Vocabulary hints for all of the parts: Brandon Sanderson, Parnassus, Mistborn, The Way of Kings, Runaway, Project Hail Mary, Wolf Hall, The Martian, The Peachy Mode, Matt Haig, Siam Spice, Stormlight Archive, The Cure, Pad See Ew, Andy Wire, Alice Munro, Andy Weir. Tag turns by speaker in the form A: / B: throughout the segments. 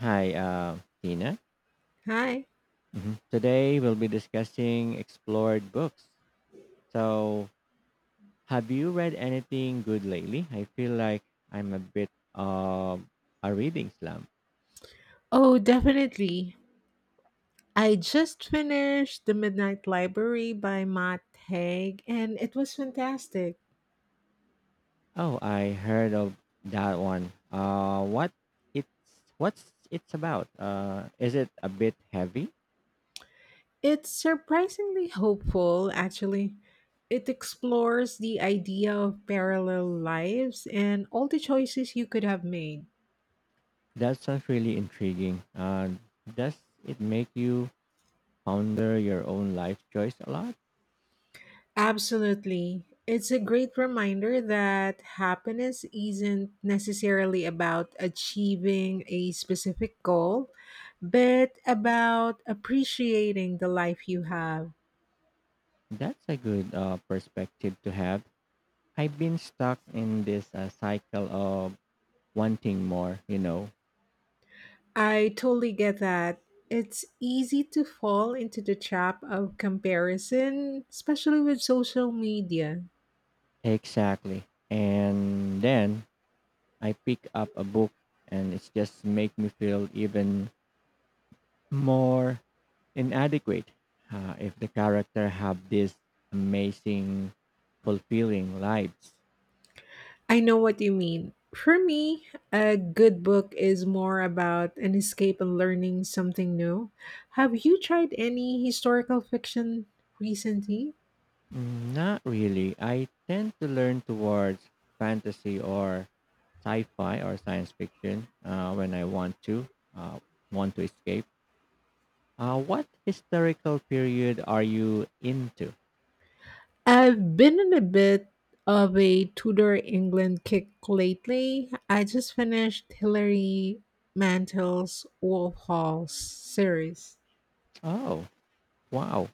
A: Hi, Tina.
B: Hi.
A: Today we'll be discussing explored books. So, have you read anything good lately? I feel like I'm a bit of a reading slump.
B: Oh, definitely. I just finished The Midnight Library by Matt Haig, and it was fantastic.
A: Oh, I heard of that one. It's what's it's about? Is it a bit heavy?
B: It's surprisingly hopeful, actually. It explores the idea of parallel lives and all the choices you could have made.
A: That sounds really intriguing. Does it make you ponder your own life choice a lot?
B: Absolutely. It's a great reminder that happiness isn't necessarily about achieving a specific goal, but about appreciating the life you have.
A: That's a good perspective to have. I've been stuck in this cycle of wanting more.
B: I totally get that. It's easy to fall into the trap of comparison, especially with social media.
A: Exactly. And then I pick up a book and it's just make me feel even more inadequate. If the character have this amazing, fulfilling lives.
B: I know what you mean. For me, a good book is more about an escape and learning something new. Have you tried any historical fiction recently?
A: Not really. I tend to learn towards fantasy or sci-fi or science fiction when I uh, want to escape. What historical period are you into?
B: I've been in a bit of a Tudor England kick lately. I just finished Hilary Mantel's Wolf Hall series.
A: Oh, wow.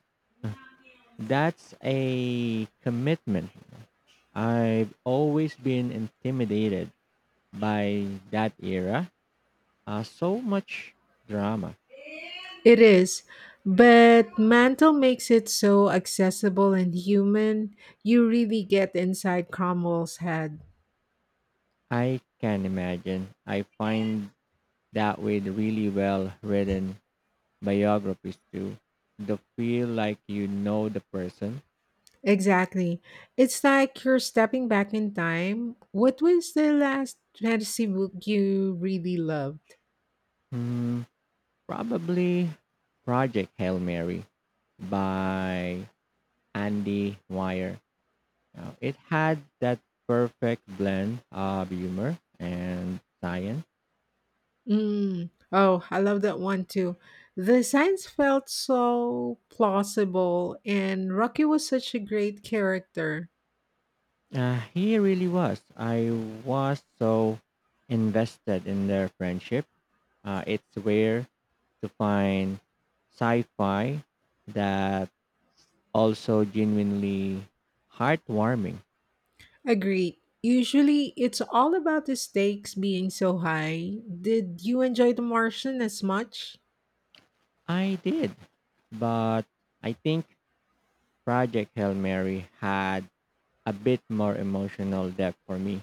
A: That's a commitment. I've always been intimidated by that era. So much drama.
B: It is, but Mantle makes it so accessible and human. You really get inside Cromwell's head.
A: I can imagine. I find that with really well written biographies too. The feel like you know the person.
B: Exactly. It's like you're stepping back in time. What was the last fantasy book you really loved?
A: Hmm, probably Project Hail Mary by Andy Wire. Now, it had that perfect blend of humor and science.
B: Mm. Oh, I love that one too. The science felt so plausible, and Rocky was such a great character.
A: He really was. I was so invested in their friendship. It's rare to find sci fi that also genuinely heartwarming.
B: Agreed. Usually, it's all about the stakes being so high. Did you enjoy The Martian as much?
A: I did, but I think Project Hail Mary had a bit more emotional depth for me.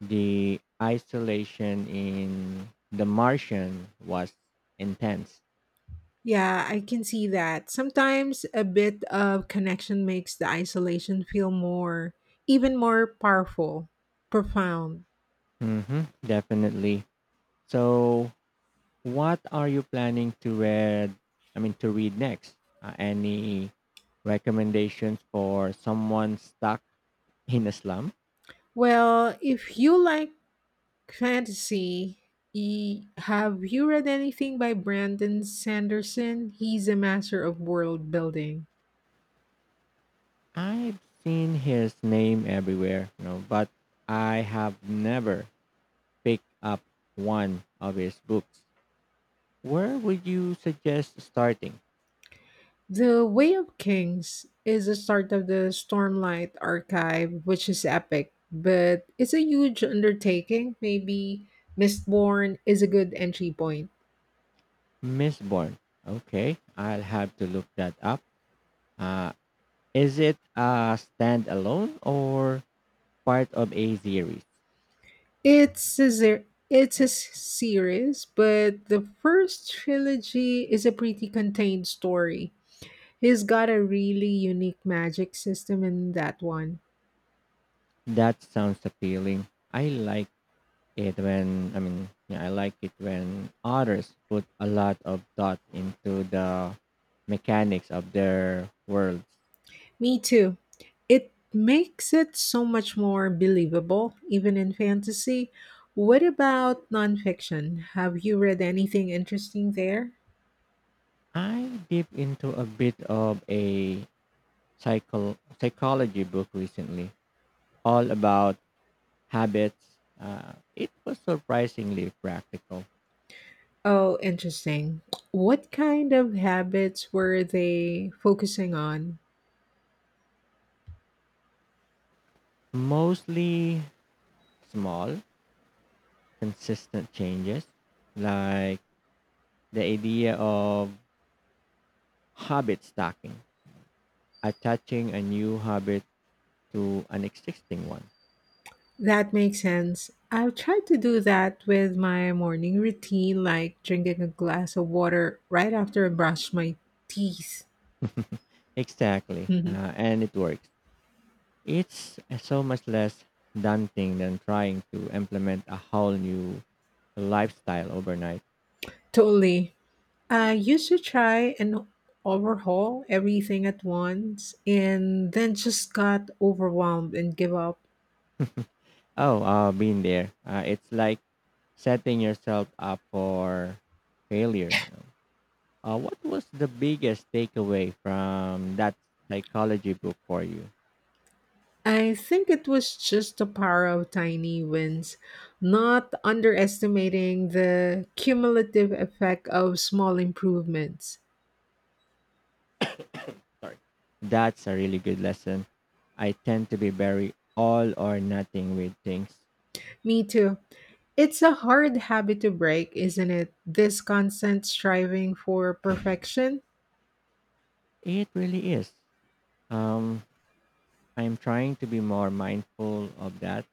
A: The isolation in The Martian was intense.
B: Yeah, I can see that. Sometimes a bit of connection makes the isolation feel more, even more powerful, profound.
A: Definitely. So, what are you planning to read, I mean, to read next? Any recommendations for someone stuck in a slum?
B: Well, if you like fantasy, have you read anything by Brandon Sanderson? He's a master of world building.
A: I've seen his name everywhere, but I have never picked up one of his books. Where would you suggest starting?
B: The Way of Kings is the start of the Stormlight archive, which is epic, but it's a huge undertaking. Maybe Mistborn is a good entry point.
A: Mistborn. Okay, I'll have to look that up. Uh, is it a standalone or part of a series?
B: It's a series, but the first trilogy is a pretty contained story. He's got a really unique magic system in that one.
A: That sounds appealing. I like I mean, yeah, I like it when authors put a lot of thought into the mechanics of their worlds.
B: Me too. It makes it so much more believable, even in fantasy. What about nonfiction? Have you read anything interesting there?
A: I dip into a bit of a psychology book recently, all about habits. It was surprisingly practical.
B: Oh, interesting. What kind of habits were they focusing on?
A: Mostly small, consistent changes, like the idea of habit stacking, attaching a new habit to an existing one.
B: That makes sense. I've tried to do that with my morning routine, like drinking a glass of water right after I brush my teeth.
A: Exactly.
B: Mhm.
A: And it works. It's so much less daunting than trying to implement a whole new lifestyle overnight.
B: Totally. I used to try and overhaul everything at once and then just got overwhelmed and give up.
A: Oh, I've been there. It's like setting yourself up for failure. What was the biggest takeaway from that psychology book for you?
B: I think it was just the power of tiny wins, not underestimating the cumulative effect of small improvements.
A: Sorry. That's a really good lesson. I tend to be very all or nothing with things.
B: Me too. It's a hard habit to break, isn't it? This constant striving for perfection.
A: It really is. Um, I'm trying to be more mindful of that.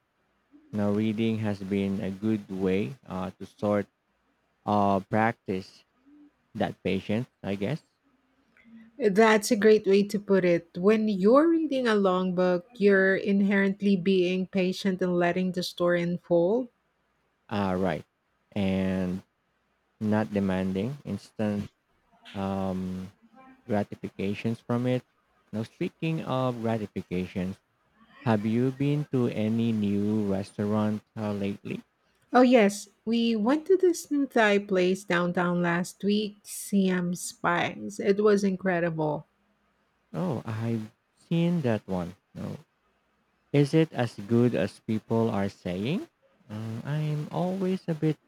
A: Now, reading has been a good way to sort, practice that patience, I guess.
B: That's a great way to put it. When you're reading a long book, you're inherently being patient and letting the story unfold.
A: Right. And not demanding instant um, gratifications from it. Now, speaking of gratifications, have you been to any new restaurant lately?
B: Oh, yes, we went to this new Thai place downtown last week, Siam Spice. It was incredible.
A: Oh, I've seen that one. No. Is it as good as people are saying? I'm always a bit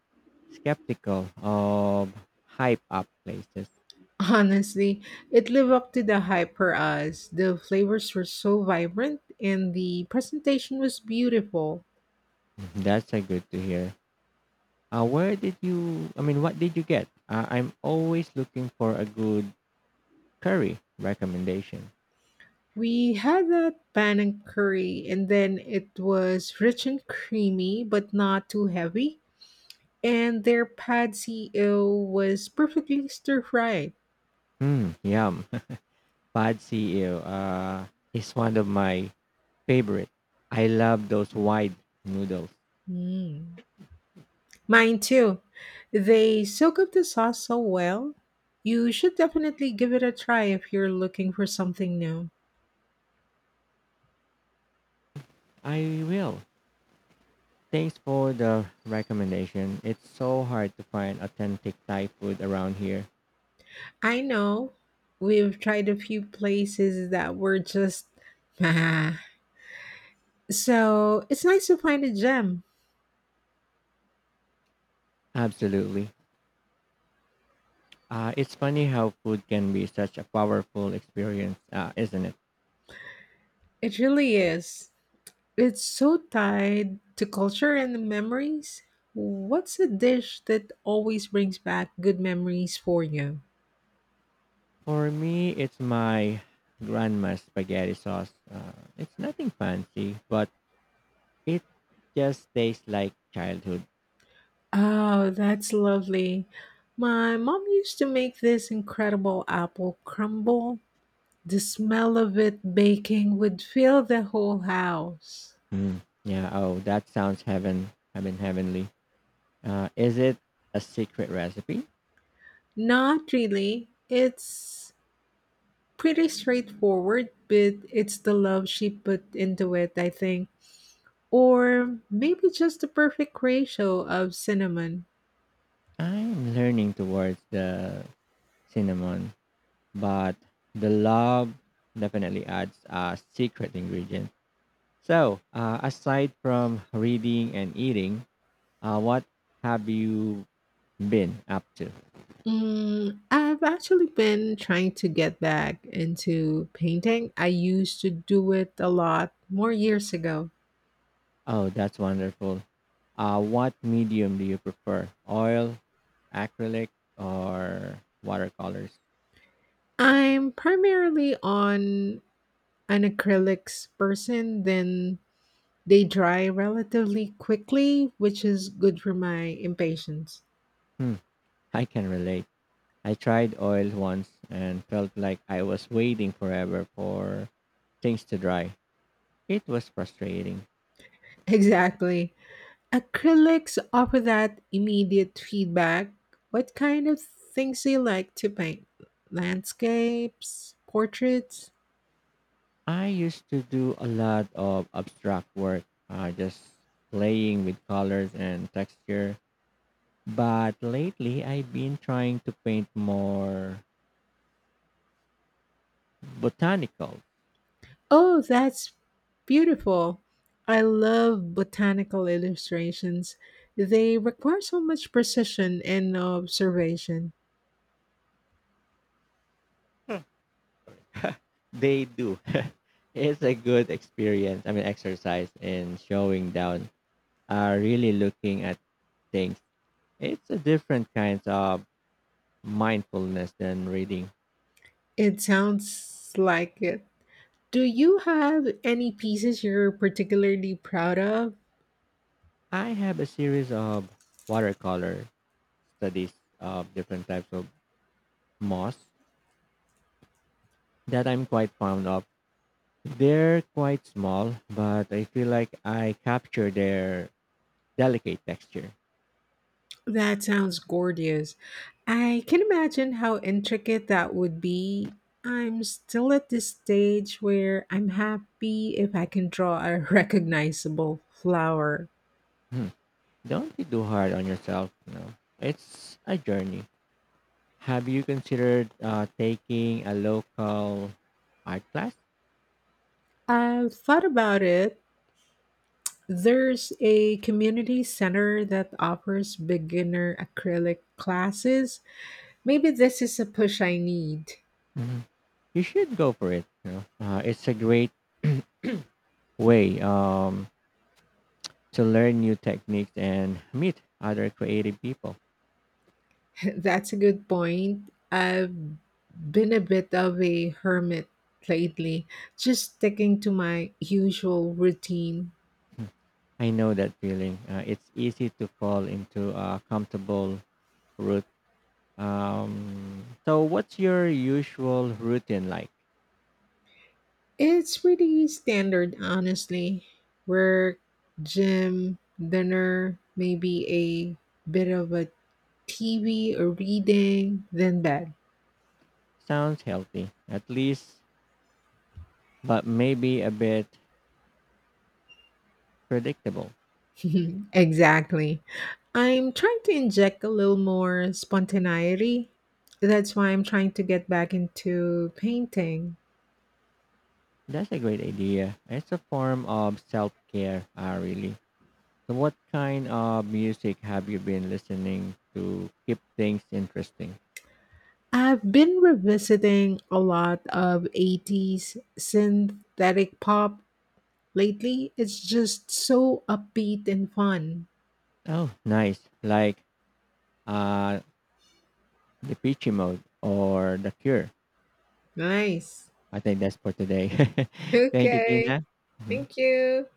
A: skeptical of hype up places.
B: Honestly, it lived up to the hype for us. The flavors were so vibrant and the presentation was beautiful.
A: Mhm. That's a good to hear. I mean, what did you get? I'm always looking for a good curry recommendation.
B: We had that pan and curry, and then it was rich and creamy, but not too heavy. And their pad see ew was perfectly stir fried.
A: Yum. Pad See Ew is one of my favorite. I love those wide noodles.
B: Mm. Mine too. They soak up the sauce so well. You should definitely give it a try if you're looking for something new.
A: I will. Thanks for the recommendation. It's so hard to find authentic Thai food around here.
B: I know we've tried a few places that were just. So it's nice to find a gem.
A: Absolutely. It's funny how food can be such a powerful experience, isn't it?
B: It really is. It's so tied to culture and memories. What's a dish that always brings back good memories for you?
A: For me, it's my grandma's spaghetti sauce. It's nothing fancy, but it just tastes like childhood.
B: Oh, that's lovely. My mom used to make this incredible apple crumble. The smell of it baking would fill the whole house.
A: Yeah. Oh, that sounds heavenly. Is it a secret recipe?
B: Not really. It's pretty straightforward, but it's the love she put into it, I think. Or maybe just the perfect ratio of cinnamon.
A: I'm learning towards the cinnamon, but the love definitely adds a secret ingredient. So, aside from reading and eating, what have you been up to?
B: Mm, I've actually been trying to get back into painting. I used to do it a lot more years ago.
A: Oh, that's wonderful. What medium do you prefer? Oil, acrylic, or watercolors?
B: I'm primarily on an acrylics person, then they dry relatively quickly, which is good for my impatience.
A: Hmm, I can relate. I tried oil once and felt like I was waiting forever for things to dry. It was frustrating.
B: Exactly. Acrylics offer that immediate feedback. What kind of things do you like to paint? Landscapes, portraits?
A: I used to do a lot of abstract work, just playing with colors and texture. But lately, I've been trying to paint more botanical.
B: Oh, that's beautiful. I love botanical illustrations. They require so much precision and observation.
A: They do. It's a good experience, I mean, exercise in showing down, really looking at things. It's a different kind of mindfulness than reading.
B: It sounds like it. Do you have any pieces you're particularly proud of?
A: I have a series of watercolor studies of different types of moss that I'm quite fond of. They're quite small, but I feel like I capture their delicate texture.
B: That sounds gorgeous. I can imagine how intricate that would be. I'm still at this stage where I'm happy if I can draw a recognizable flower.
A: Hmm. Don't be too hard on yourself. It's a journey. Have you considered taking a local art class?
B: I've thought about it. There's a community center that offers beginner acrylic classes. Maybe this is a push I need.
A: Mhm. You should go for it. It's a great way to learn new techniques and meet other creative people.
B: That's a good point. I've been a bit of a hermit lately, just sticking to my usual routine.
A: I know that feeling. It's easy to fall into a comfortable route. So, what's your usual routine like?
B: It's pretty standard, honestly. Work, gym, dinner, maybe a bit of a TV or reading, then bed.
A: Sounds healthy, at least, but maybe a bit predictable.
B: Exactly. I'm trying to inject a little more spontaneity. That's why I'm trying to get back into painting.
A: That's a great idea. It's a form of self care, really. So, what kind of music have you been listening to keep things interesting?
B: I've been revisiting a lot of 80s synthetic pop lately. It's just so upbeat and fun.
A: Oh, nice. Like uh, The peachy Mode or The Cure.
B: Nice.
A: I think that's for today. Thank you,
B: Okay.
A: Tina. Mhm.
B: Thank you.